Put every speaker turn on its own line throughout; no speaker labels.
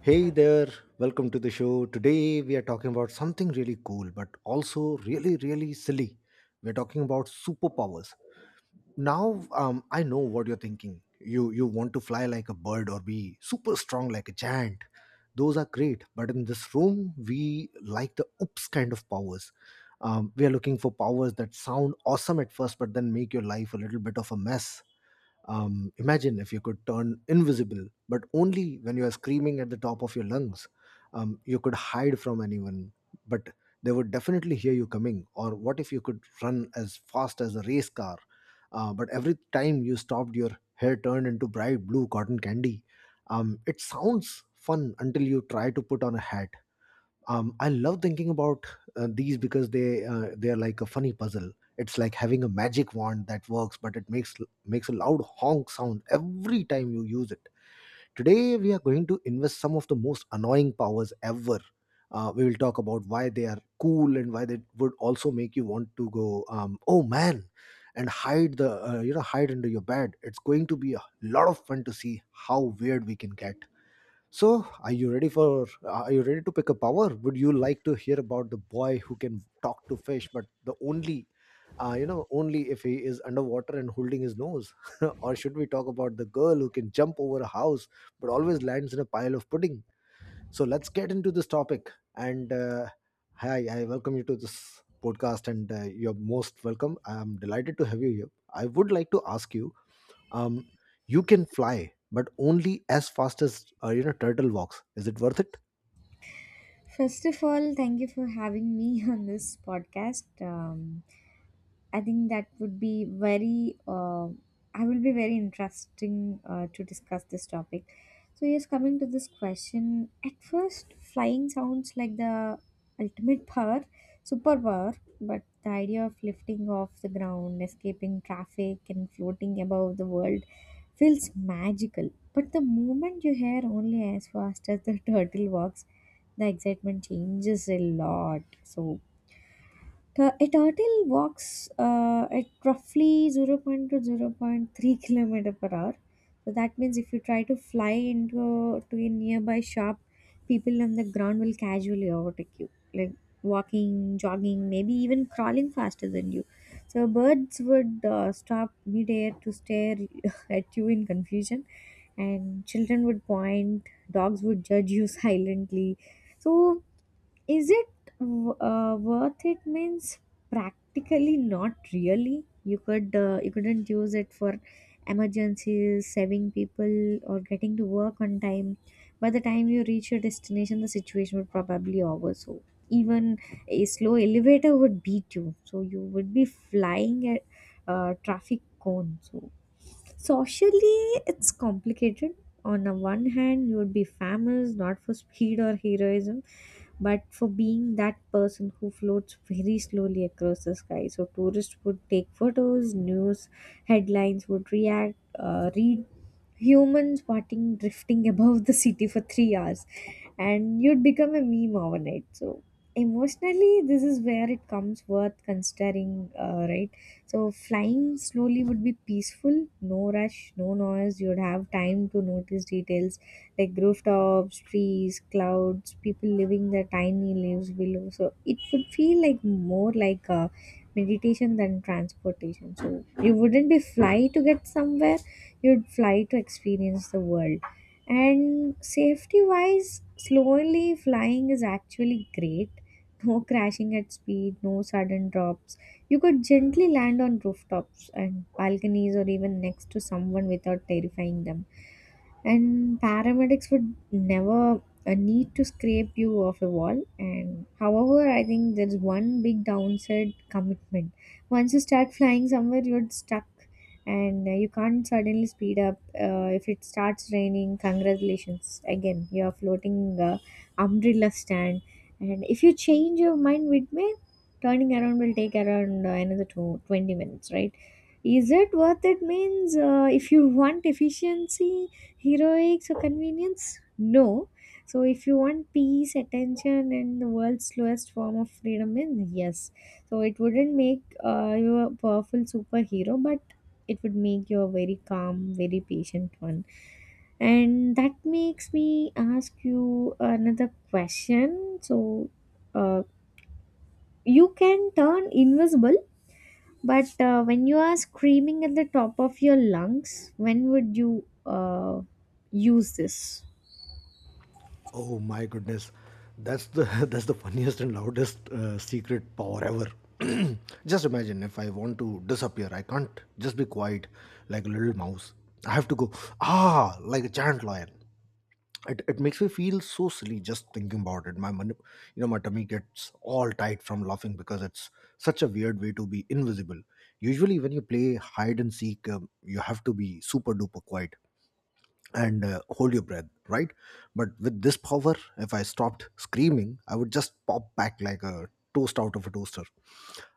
Hey there, welcome to the show. Today we are talking about something really cool but also really, really silly. We're talking about superpowers now. I know what you're thinking. You want to fly like a bird or be super strong like a giant. Those are great, but in this room we like the oops kind of powers. We are looking for powers that sound awesome at first but then make your life a little bit of a mess. Imagine if you could turn invisible but only when you are screaming at the top of your lungs. You could hide from anyone, but they would definitely hear you coming. Or what if you could run as fast as a race car, but every time you stopped, your hair turned into bright blue cotton candy. It sounds fun until you try to put on a hat. I love thinking about these because they are like a funny puzzle. It's like having a magic wand that works, but it makes a loud honk sound every time you use it. Today, we are going to invest some of the most annoying powers ever. We will talk about why they are cool and why they would also make you want to go, oh man, and hide hide under your bed. It's going to be a lot of fun to see how weird we can get. So, are you ready for? Are you ready to pick a power? Would you like to hear about the boy who can talk to fish, but the only if he is underwater and holding his nose? Or should we talk about the girl who can jump over a house but always lands in a pile of pudding? So let's get into this topic. And Hi, I welcome you to this podcast, and you're most welcome. I'm delighted to have you here. I would like to ask you, um, you can fly but only as fast as you know turtle walks. Is it worth it?
First of all, thank you for having me on this podcast. I think that would be very, I will be very interesting to discuss this topic. So, yes, coming to this question, at first, flying sounds like the ultimate power, superpower, but the idea of lifting off the ground, escaping traffic, and floating above the world feels magical. But the moment you hear only as fast as the turtle walks, the excitement changes a lot. A turtle walks at roughly zero point to zero point 0.3 kilometer per hour. So that means if you try to fly into to a nearby shop, people on the ground will casually overtake you, like walking, jogging, maybe even crawling faster than you. So birds would stop midair to stare at you in confusion, and children would point, dogs would judge you silently. So is it worth it means practically not really. You couldn't use it for emergencies, saving people, or getting to work on time. By the time you reach your destination, the situation would probably over. So even a slow elevator would beat you. So you would be flying at traffic cone. Socially, it's complicated. On the one hand, you would be famous not for speed or heroism, but for being that person who floats very slowly across the sky. So, tourists would take photos, news headlines would read humans parting drifting above the city for 3 hours, and you'd become a meme overnight. So, emotionally, this is where it comes worth considering, right? So, flying slowly would be peaceful. No rush, no noise. You'd have time to notice details like rooftops, trees, clouds, people living their tiny lives below. So it would feel like more like a meditation than transportation. So you wouldn't be fly to get somewhere, you'd fly to experience the world. And safety wise, slowly flying is actually great. No crashing at speed, no sudden drops. You could gently land on rooftops and balconies or even next to someone without terrifying them, and paramedics would never need to scrape you off a wall. And however, I think there's one big downside, commitment. Once you start flying somewhere, you're stuck, and you can't suddenly speed up. If it starts raining, congratulations, again you're floating, umbrella stand. And if you change your mind midway, turning around will take around, another 220 minutes, right? Is it worth it means, if you want efficiency, heroics, or convenience? No. So, if you want peace, attention, and the world's slowest form of freedom, then yes. So, it wouldn't make you a powerful superhero, but it would make you a very calm, very patient one. And that makes me ask you another question. So, uh, you can turn invisible, but when you are screaming at the top of your lungs, when would you use this?
Oh my goodness, that's the that's the funniest and loudest secret power ever. Just imagine, if I want to disappear, I can't just be quiet like a little mouse. I have to go ah like a giant lion. It makes me feel so silly just thinking about it. My my tummy gets all tight from laughing because it's such a weird way to be invisible. Usually when you play hide and seek, you have to be super duper quiet and hold your breath, right? But with this power, if I stopped screaming, I would just pop back like a toast out of a toaster.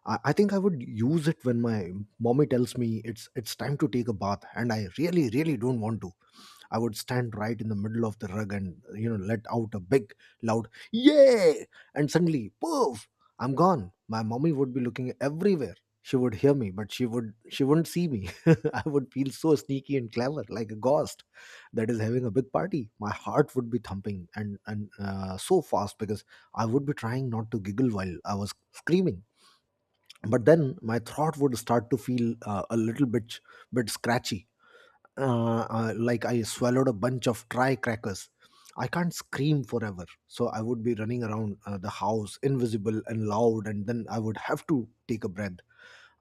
I think I would use it when my mommy tells me it's time to take a bath, and I really, really don't want to. I would stand right in the middle of the rug and let out a big loud yay, and suddenly poof, I'm gone. My mommy would be looking everywhere. She would hear me, but she wouldn't see me. I would feel so sneaky and clever, like a ghost that is having a big party. My heart would be thumping and so fast because I would be trying not to giggle while I was screaming. But then my throat would start to feel a little bit scratchy, like I swallowed a bunch of dry crackers. I can't scream forever, so I would be running around the house, invisible and loud, and then I would have to take a breath.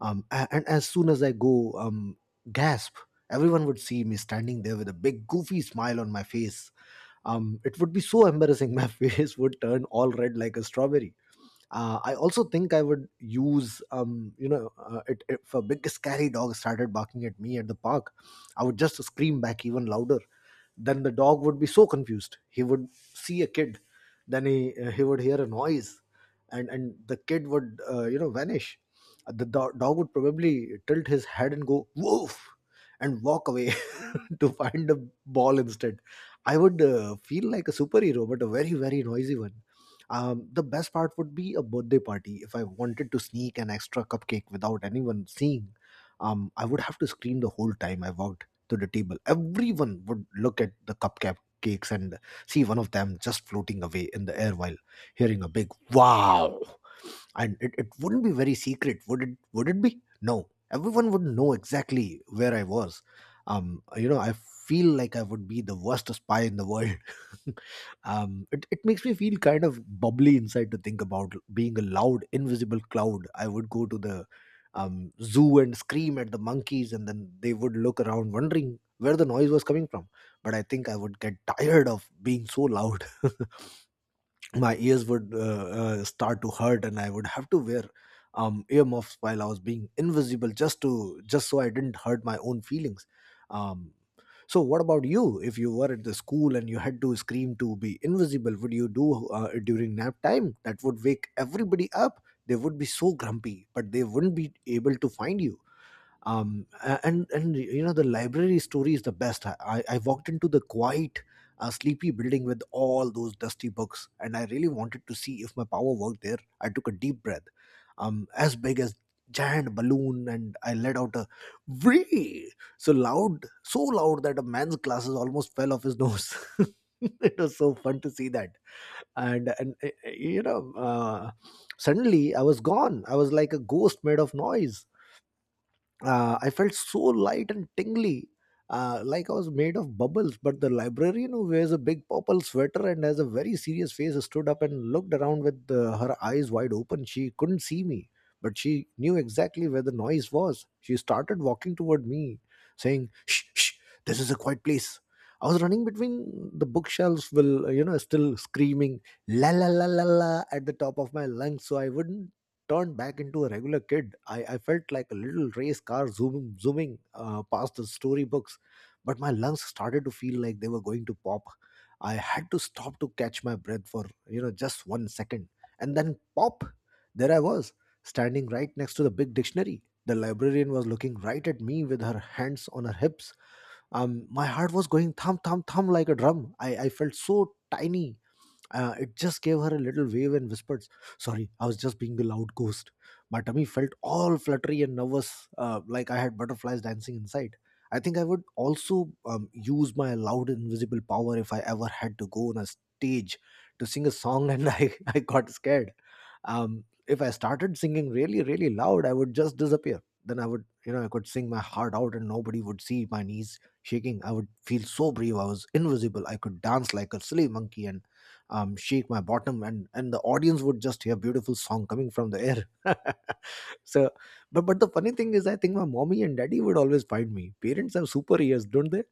And as soon as I go, gasp, everyone would see me standing there with a big goofy smile on my face. It would be so embarrassing. My face would turn all red like a strawberry. I also think I would use, if a big scary dog started barking at me at the park, I would just scream back even louder. Then the dog would be so confused. He would see a kid, then he would hear a noise, and the kid would vanish. The dog would probably tilt his head and go woof and walk away to find a ball instead. I would feel like a superhero, but a very, very noisy one. The best part would be a birthday party. If I wanted to sneak an extra cupcake without anyone seeing, I would have to scream the whole time I walked to the table. Everyone would look at the cupcakes and see one of them just floating away in the air while hearing a big wow. And it wouldn't be very secret, would it? Would it be? No, everyone would know exactly where I was. I feel like I would be the worst spy in the world. It makes me feel kind of bubbly inside to think about being a loud invisible cloud. I would go to the zoo and scream at the monkeys, and then they would look around wondering where the noise was coming from. But I think I would get tired of being so loud. My ears would start to hurt, and I would have to wear earmuffs while I was being invisible, just so I didn't hurt my own feelings. um, so what about you? If you were at the school and you had to scream to be invisible, would you do it during nap time? That would wake everybody up. They would be so grumpy, but they wouldn't be able to find you. A- and you know The library story is the best. I walked into the quiet, sleepy building with all those dusty books, and I really wanted to see if my power worked there. I took a deep breath, as big as giant balloon, and I let out a wee so loud that a man's glasses almost fell off his nose. It was so fun to see that, and and uh, you know, uh, suddenly I was gone. I was like a ghost made of noise. I felt so light and tingly, like I was made of bubbles. But the librarian, who wears a big purple sweater and has a very serious face, stood up and looked around with her eyes wide open. She couldn't see me, but she knew exactly where the noise was. She started walking toward me, saying, "Shh, shh, this is a quiet place." I was running between the bookshelves, still screaming la la la la la at the top of my lungs, so I wouldn't turned back into a regular kid. I felt like a little race car zooming past the storybooks, but my lungs started to feel like they were going to pop. I had to stop to catch my breath for, just 1 second. And then pop, there I was, standing right next to the big dictionary. The librarian was looking right at me with her hands on her hips. My heart was going thump, thump, thump like a drum. I felt so tiny. It just gave her a little wave and whispered, "Sorry, I was just being the loud ghost." My tummy felt all fluttery and nervous, like I had butterflies dancing inside. I think I would also use my loud invisible power if I ever had to go on a stage to sing a song and I got scared. If I started singing really, really loud, I would just disappear. Then I would, I could sing my heart out and nobody would see my knees shaking. I would feel so brave. I was invisible. I could dance like a silly monkey and shake my bottom, and the audience would just hear beautiful song coming from the air. So, but the funny thing is, I think my mommy and daddy would always find me. Parents have super ears, don't they?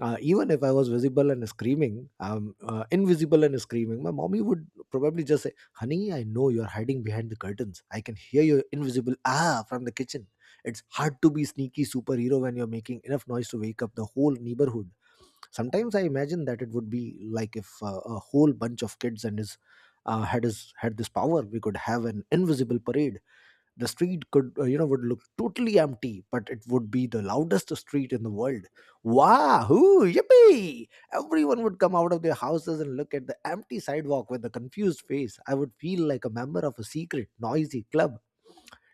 Even if I was visible and screaming invisible and screaming, my mommy would probably just say, "Honey, I know you're hiding behind the curtains. I can hear your invisible ah from the kitchen." It's hard to be sneaky superhero when you're making enough noise to wake up the whole neighborhood. Sometimes I imagine that it would be like if a whole bunch of kids and his had his had this power, we could have an invisible parade. The street could would look totally empty, but it would be the loudest street in the world. Wahoo! Yippee! Everyone would come out of their houses and look at the empty sidewalk with a confused face. I would feel like a member of a secret, noisy club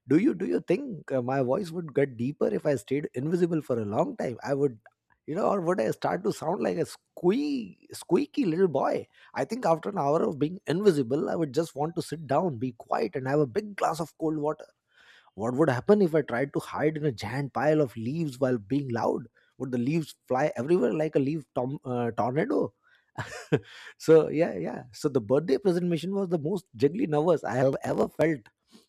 do you do you think my voice would get deeper if I stayed invisible for a long time I would, or would I start to sound like a squeaky little boy? I think after an hour of being invisible I would just want to sit down, be quiet, and have a big glass of cold water. What would happen if I tried to hide in a giant pile of leaves while being loud? Would the leaves fly everywhere like a leaf tornado? So yeah, so the birthday presentation was the most jiggly nervous I have ever felt.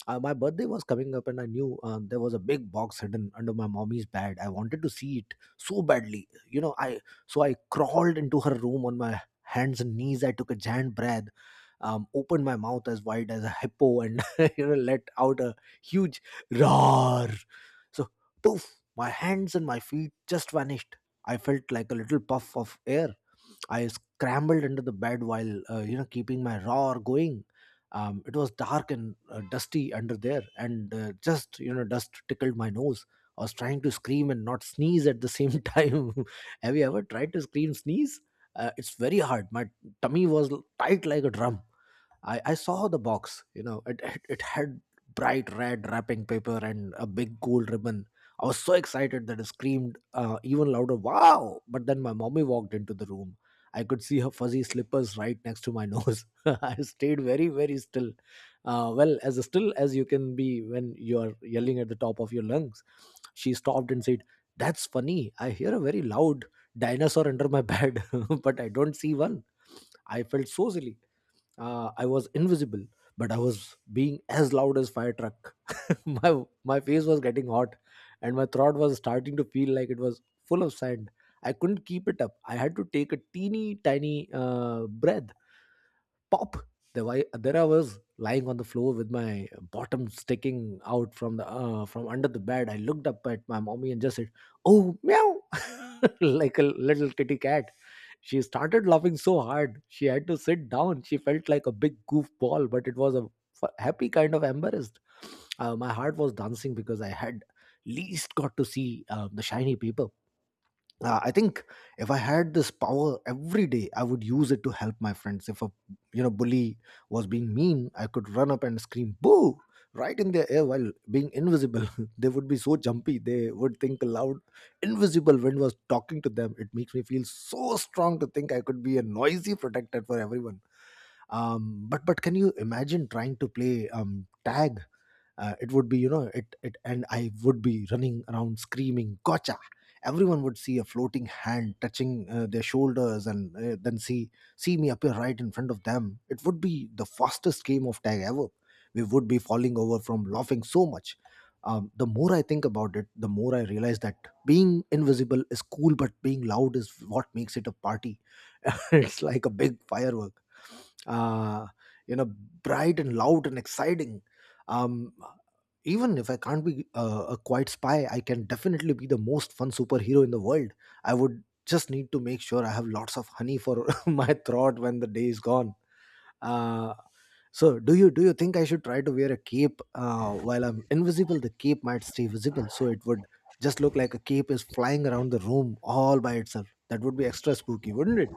My birthday was coming up and I knew there was a big box hidden under my mommy's bed. I wanted to see it so badly, you know I So I crawled into her room on my hands and knees. I took a giant breath, opened my mouth as wide as a hippo and let out a huge roar. So poof, my hands and my feet just vanished. I felt like a little puff of air. I scrambled under the bed while keeping my roar going. It was dark and dusty under there, and just you know dust tickled my nose. I was trying to scream and not sneeze at the same time. Have you ever tried to scream sneeze? It's very hard. My tummy was tight like a drum. I saw the box, you know, it had bright red wrapping paper and a big gold ribbon. I was so excited that I screamed even louder, wow! But then my mommy walked into the room. I could see her fuzzy slippers right next to my nose. I stayed very, very still. Well, as still as you can be when you're yelling at the top of your lungs. She stopped and said, "That's funny. I hear a very loud dinosaur under my bed, but I don't see one." I felt so silly. I was invisible, but I was being as loud as fire truck. my my face was getting hot, and my throat was starting to feel like it was full of sand. I couldn't keep it up. I had to take a teeny tiny breath. Pop. The way there, I was lying on the floor with my bottom sticking out from the from under the bed. I looked up at my mommy and just said, "Oh meow," like a little kitty cat. She started laughing so hard she had to sit down. She felt like a big goofball, but it was a happy kind of embarrassed. My heart was dancing because I had least got to see the shiny people. I think if I had this power every day, I would use it to help my friends. If a bully was being mean, I could run up and scream boo right in their ear while being invisible. They would be so jumpy they would think a loud invisible wind was talking to them. It makes me feel so strong to think I could be a noisy protector for everyone. But can you imagine trying to play tag? It would be you know it, it and I would be running around screaming gotcha. Everyone would see a floating hand touching their shoulders and then see me appear right in front of them. It would be the fastest game of tag ever. We would be falling over from laughing so much. The more I think about it, the more I realize that being invisible is cool, but being loud is what makes it a party. It's like a big firework, uh, you know bright and loud and exciting. um Even if I can't be a quiet spy, I can definitely be the most fun superhero in the world. I would just need to make sure I have lots of honey for my throat when the day is gone. Uh so do you do you think I should try to wear a cape while I'm invisible? The cape might stay visible, so it would just look like a cape is flying around the room all by itself. That would be extra spooky, wouldn't it?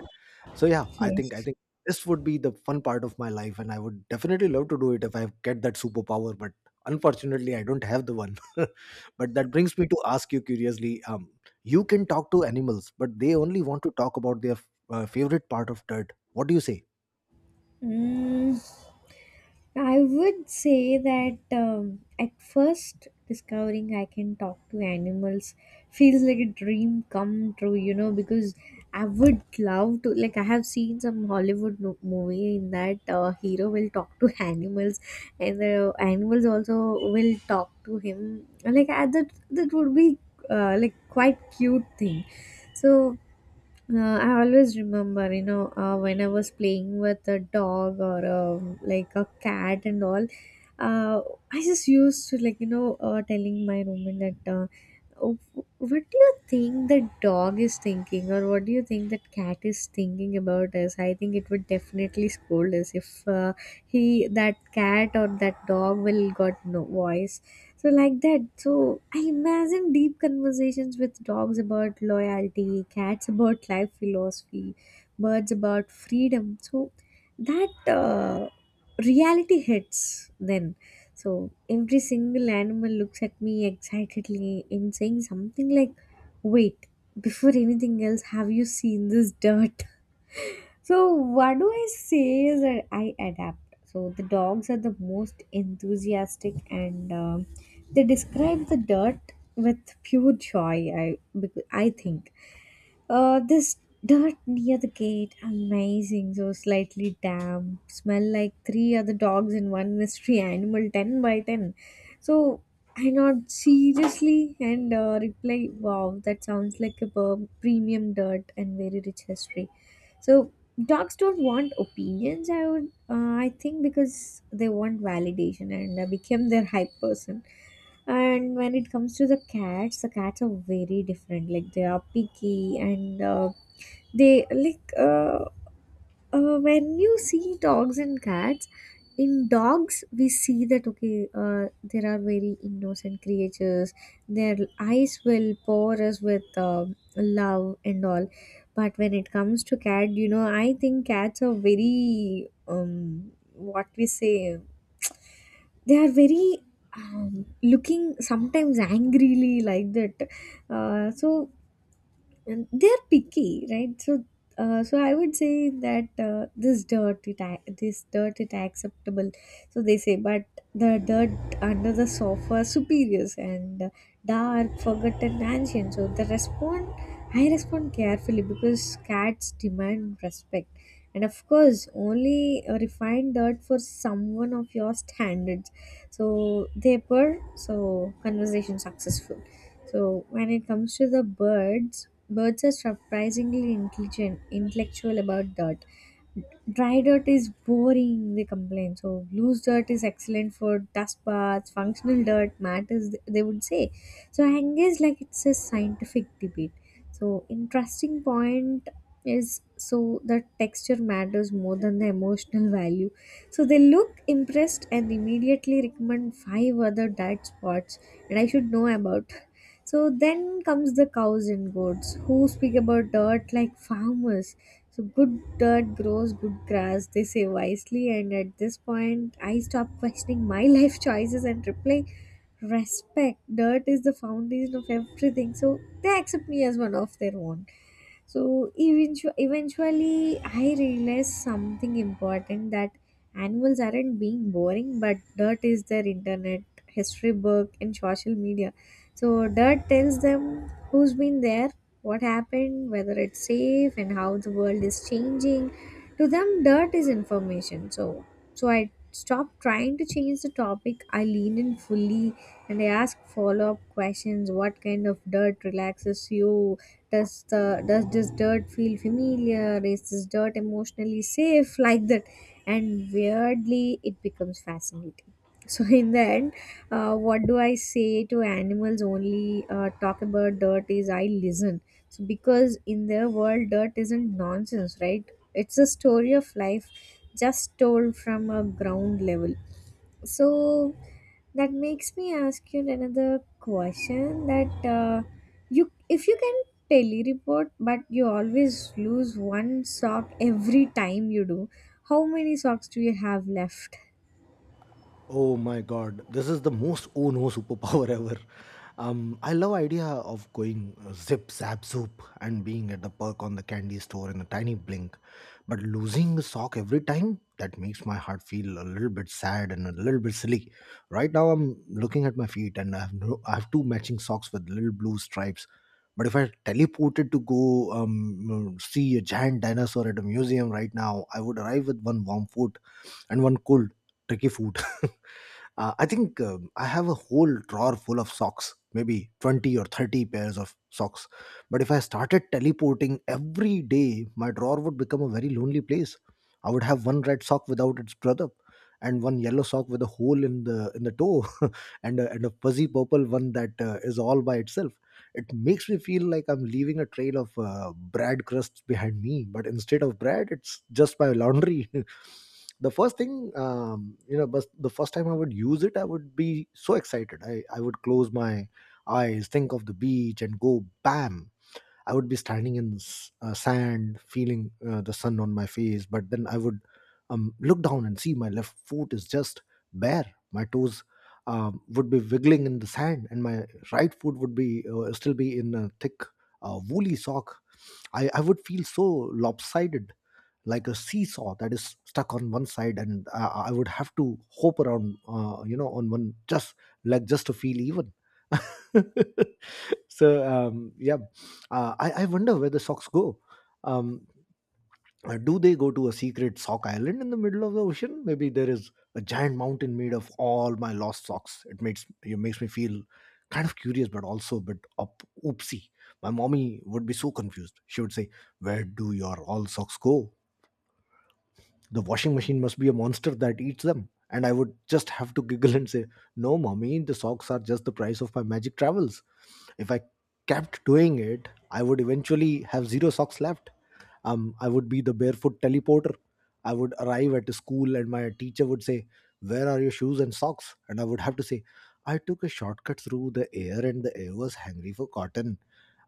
so yeah i think i
Yes.
think this would be the fun part of my life and I would definitely love to do it if I get that superpower. But unfortunately I don't have the one. But that brings me to ask you curiously, you can talk to animals but they only want to talk about their favorite part of dirt. What do you say?
Mm, I would say that at first, discovering I can talk to animals feels like a dream come true, because I would love to. Like, I have seen some Hollywood movie in that hero will talk to animals, and the animals also will talk to him. Like, that would be like quite cute thing. So, I always remember, when I was playing with a dog or like a cat and all, uh, I just used to like, telling my roommate that, "Oh, what do you think the dog is thinking, or what do you think that cat is thinking about us? I think it would definitely scold us if uh, he, that cat or that dog will got no voice, so, like that." So, I imagine deep conversations with dogs about loyalty, cats about life philosophy, birds about freedom. So, that reality hits then. So, every single animal looks at me excitedly in saying something like, wait, before anything else, have you seen this dirt? So what do I say is that I adapt. So the dogs are the most enthusiastic, and they describe the dirt with pure joy. I think this dirt near the gate, amazing, so slightly damp, smell like three other dogs and one mystery animal, 10 by 10. So I nod seriously and reply, wow, that sounds like a premium dirt and very rich history. So dogs don't want opinions, I think, because they want validation and I became their hype person. And when it comes to the cats are very different. Like, they are picky, and they like, when you see dogs and cats. In dogs, we see that okay, there are very innocent creatures. Their eyes will pour us with love and all. But when it comes to cat, you know, I think cats are very what we say, they are very looking sometimes angrily like that. So and they're picky, right? So, I would say that, this dirt it acceptable, so they say. But the dirt under the sofa superiors and, dark forgotten ancient, so the respond I respond carefully because cats demand respect. And of course, only a refined dirt for someone of your standards. So they purr. So conversation successful. So when it comes to the birds, birds are surprisingly intelligent, intellectual about that. Dry dirt is boring, they complain. So, loose dirt is excellent for dust baths, functional dirt matters, they would say. So, I engage like it's a scientific debate. So, interesting point is, so the texture matters more than the emotional value. So, they look impressed and immediately recommend five other dirt spots, and I should know about. So, then comes the cows and goats who speak about dirt like farmers, so good dirt grows good grass, they say wisely, and at this point, I stop questioning my life choices and reply, respect. Dirt is the foundation of everything, so they accept me as one of their own. So eventually, I realized something important, that animals aren't being boring, but dirt is their internet, history book, and social media. So dirt tells them who's been there, what happened, whether it's safe, and how the world is changing. To them, dirt is information. So, I stopped trying to change the topic. I leaned in fully and I asked follow up questions. What kind of dirt relaxes you? Does this dirt feel familiar? Is this dirt emotionally safe, like that? And weirdly, it becomes fascinating. So in the end, what do I say to animals? Only talk about dirt is I listen. So, because in their world, dirt isn't nonsense, right? It's a story of life, just told from a ground level. So that makes me ask you another question, that, you if you can telereport but you always lose one sock every time you do, how many socks do you have left?
Oh my god, this is the most oh no superpower ever. I love idea of going zip zap zoop and being at the perk on the candy store in a tiny blink, but losing a sock every time, that makes my heart feel a little bit sad and a little bit silly. Right now, I'm looking at my feet and I have no, I have two matching socks with little blue stripes. But if I teleported to go see a giant dinosaur at a museum right now, I would arrive with one warm foot and one cold tricky food. I think I have a whole drawer full of socks, maybe 20 or 30 pairs of socks. But if I started teleporting every day, my drawer would become a very lonely place. I would have one red sock without its brother and one yellow sock with a hole in the toe. And a fuzzy purple one that is all by itself. It makes me feel like I'm leaving a trail of bread crusts behind me, but instead of bread it's just my laundry. The first thing, the first time I would use it, I would be so excited. I would close my eyes, think of the beach and go bam. I would be standing in sand, feeling the sun on my face. But then I would look down and see my left foot is just bare. My toes would be wiggling in the sand, and my right foot would be still be in a thick woolly sock. I would feel so lopsided, like a seesaw that is stuck on one side, and I would have to hope around on one just like just to feel even. So yeah, I wonder where the socks go. um, do they go to a secret sock island in the middle of the ocean? Maybe there is a giant mountain made of all my lost socks. It makes me feel kind of curious, but also a bit up oopsie. My mommy would be so confused. She would say, "Where do your all socks go? The washing machine must be a monster that eats them." And I would just have to giggle and say, "No mommy, the socks are just the price of my magic travels." If I kept doing it, I would eventually have zero socks left. I would be the barefoot teleporter. I would arrive at a school and my teacher would say, "Where are your shoes and socks?" And I would have to say, "I took a shortcut through the air and the air was hungry for cotton."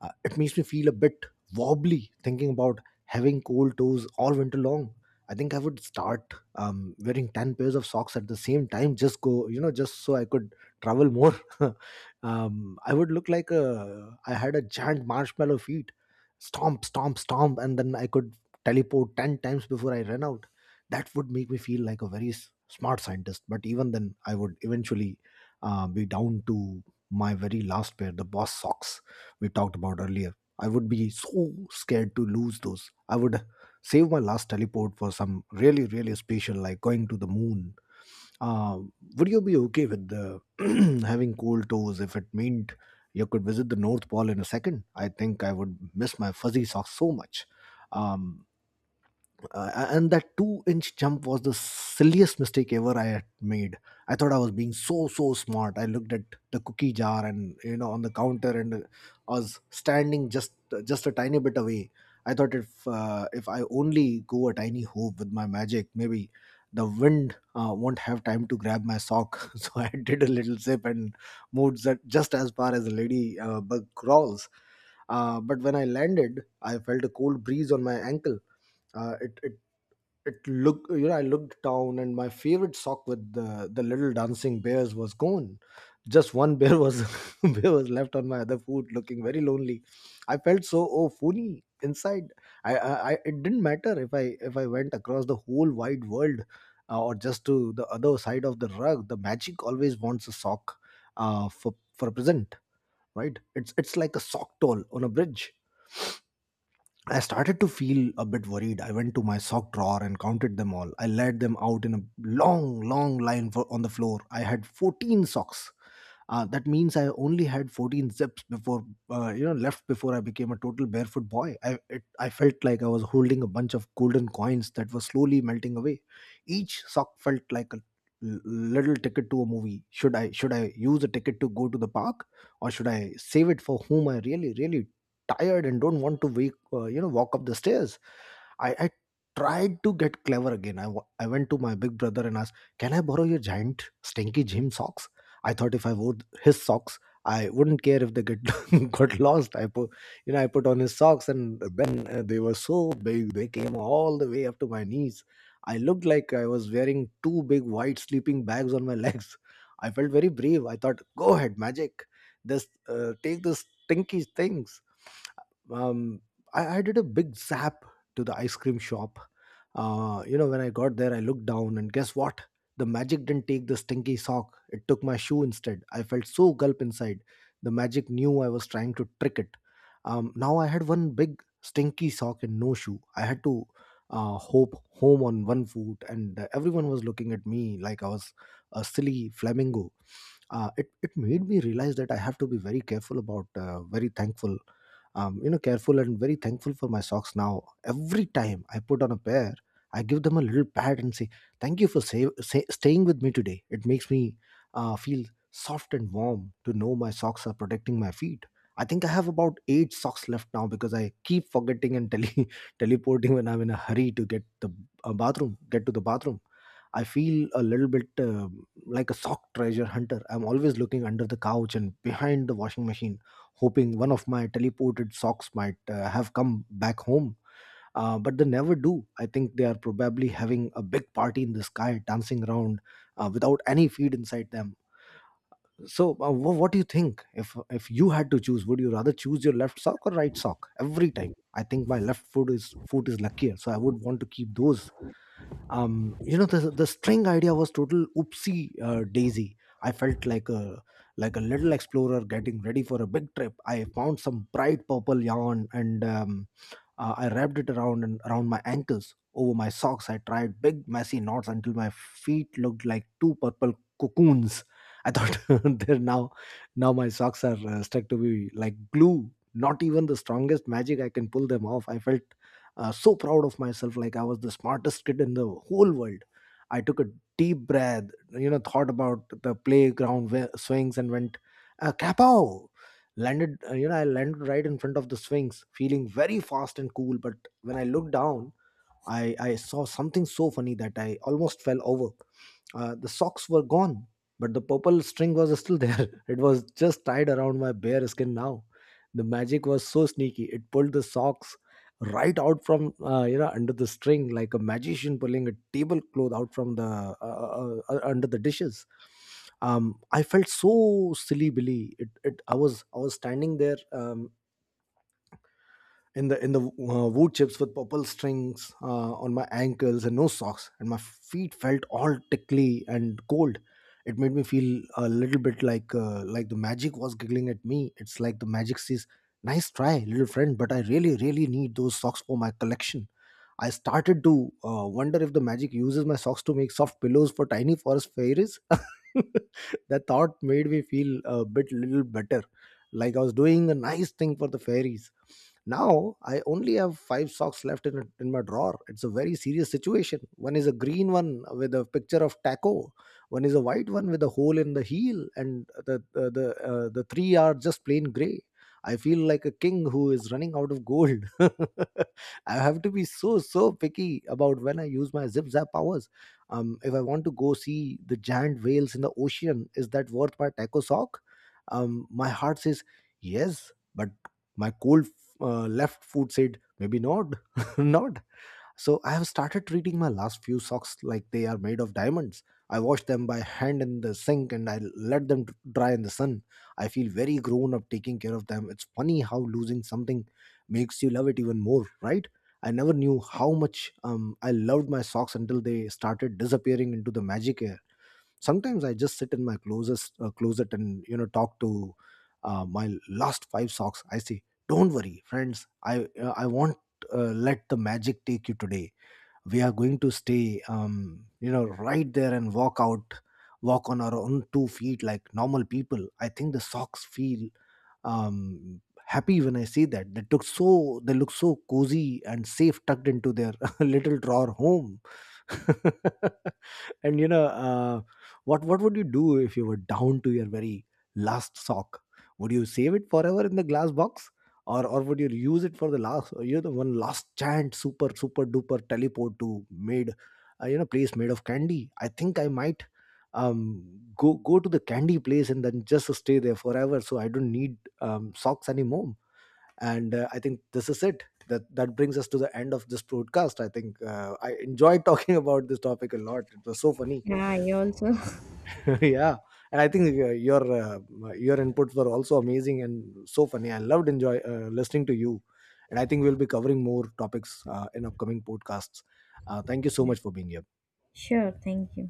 It makes me feel a bit wobbly thinking about having cold toes all winter long. I think I would start wearing 10 pairs of socks at the same time, just go, you know, just so I could travel more. Um, I would look like a, I had a giant marshmallow feet, stomp, stomp, stomp, and then I could teleport 10 times before I ran out. That would make me feel like a very smart scientist. But even then, I would eventually be down to my very last pair, the boss socks we talked about earlier. I would be so scared to lose those. I would save my last teleport for some really, really special, like going to the moon. uh, would you be okay with having cold toes if it meant you could visit the North Pole in a second? I think I would miss my fuzzy socks so much. um, and that two-inch jump was the silliest mistake ever I had made. I thought I was being so smart. I looked at the cookie jar, and you know, on the counter, and I was standing just a tiny bit away. I thought, if I only go a tiny hoop with my magic, maybe the wind won't have time to grab my sock. So I did a little zip and moved that just as far as a lady bug crawls. But when I landed, I felt a cold breeze on my ankle. It it looked, you know, I looked down and my favorite sock with the little dancing bears was gone. Just one bear was bear was left on my other foot, looking very lonely. I felt so, oh, funny inside. I it didn't matter if I went across the whole wide world, or just to the other side of the rug. The magic always wants a sock, for a present, right? It's like a sock toll on a bridge. I started to feel a bit worried. I went to my sock drawer and counted them all. I laid them out in a long, long line for, on the floor. I had 14 socks. That means I only had 14 zips before, left before I became a total barefoot boy. I felt like I was holding a bunch of golden coins that were slowly melting away. Each sock felt like a little ticket to a movie. Should I use a ticket to go to the park, or should I save it for whom I really, really tired and don't want to wake, walk up the stairs? I tried to get clever again. I went to my big brother and asked, "Can I borrow your giant stinky gym socks?" I thought if I wore his socks, I wouldn't care if they get got lost. I put, you know, I put on his socks, and then they were so big; they came all the way up to my knees. I looked like I was wearing two big white sleeping bags on my legs. I felt very brave. I thought, "Go ahead, magic! This take these stinky things." um, I did a big zap to the ice cream shop. You know, when I got there, I looked down, and guess what? The magic didn't take the stinky sock, it took my shoe instead. I felt so gulp inside. The magic knew I was trying to trick it. Now I had one big stinky sock and no shoe. I had to hope home on one foot, and everyone was looking at me like I was a silly flamingo. It made me realize that I have to be very careful about, very thankful, careful and very thankful for my socks now. Every time I put on a pair, I give them a little pat and say, "Thank you for staying with me today." It makes me feel soft and warm to know my socks are protecting my feet. I think I have about eight socks left now, because I keep forgetting and teleporting when I'm in a hurry to get the get to the bathroom. I feel a little bit like a sock treasure hunter. I'm always looking under the couch and behind the washing machine, hoping one of my teleported socks might have come back home. But they never do. I think they are probably having a big party in the sky, dancing around without any feed inside them. So, what do you think? If you had to choose, would you rather choose your left sock or right sock every time? I think my left foot is luckier, so I would want to keep those. You know, the string idea was total oopsie daisy. I felt like a little explorer getting ready for a big trip. I found some bright purple yarn and I wrapped it around and around my ankles. Over my socks, I tried big, messy knots until my feet looked like two purple cocoons. I thought they're now, now my socks are stuck to me like glue. Not even the strongest magic I can pull them off. I felt so proud of myself, like I was the smartest kid in the whole world. I took a deep breath, you know, thought about the playground where swings and went, Kapow! Landed, I landed right in front of the swings, feeling very fast and cool. But when I looked down, I saw something so funny that I almost fell over. The socks were gone, but the purple string was still there. It was just tied around my bare skin now. The magic was so sneaky. It pulled the socks right out from, under the string, like a magician pulling a tablecloth out from the under the dishes. I felt so silly, Billy. It I was standing there, in the wood chips with purple strings on my ankles and no socks, and my feet felt all tickly and cold. It made me feel a little bit like the magic was giggling at me. It's like the magic says, "Nice try, little friend, but I really, really need those socks for my collection." I started to wonder if the magic uses my socks to make soft pillows for tiny forest fairies. That thought made me feel a bit little better, like I was doing a nice thing for the fairies. Now I only have five socks left in my drawer. It's a very serious situation. One is a green one with a picture of taco. One is a white one with a hole in the heel, and the three are just plain gray. I feel like a king who is running out of gold. I have to be so picky about when I use my zip zap powers. If I want to go see the giant whales in the ocean, is that worth my taco sock? My heart says yes, but my cold left foot said, maybe not, not. So I have started treating my last few socks like they are made of diamonds. I wash them by hand in the sink, and I let them dry in the sun. I feel very grown up taking care of them. It's funny how losing something makes you love it even more, right? I never knew how much I loved my socks until they started disappearing into the magic air. Sometimes I just sit in my closest closet and, you know, talk to my last five socks. I say, "Don't worry, friends. I won't let the magic take you today. We are going to stay, right there and walk on our own two feet like normal people." I think the socks feel um, happy when I see that they look so cozy and safe, tucked into their little drawer home. And, you know, what would you do if you were down to your very last sock? Would you save it forever in the glass box, or would you use it for the last, you know, the one last chance, super, super duper teleport to made, place made of candy? I think I might um go to the candy place and then just stay there forever, so I don't need socks anymore. And I think this is it. That brings us to the end of this broadcast. I think I enjoyed talking about this topic a lot. It was so funny.
Yeah, I also.
Yeah. And I think your inputs were also amazing and so funny. I loved enjoy listening to you. And I think we'll be covering more topics in upcoming podcasts. Thank you so much for being here.
Sure, thank you.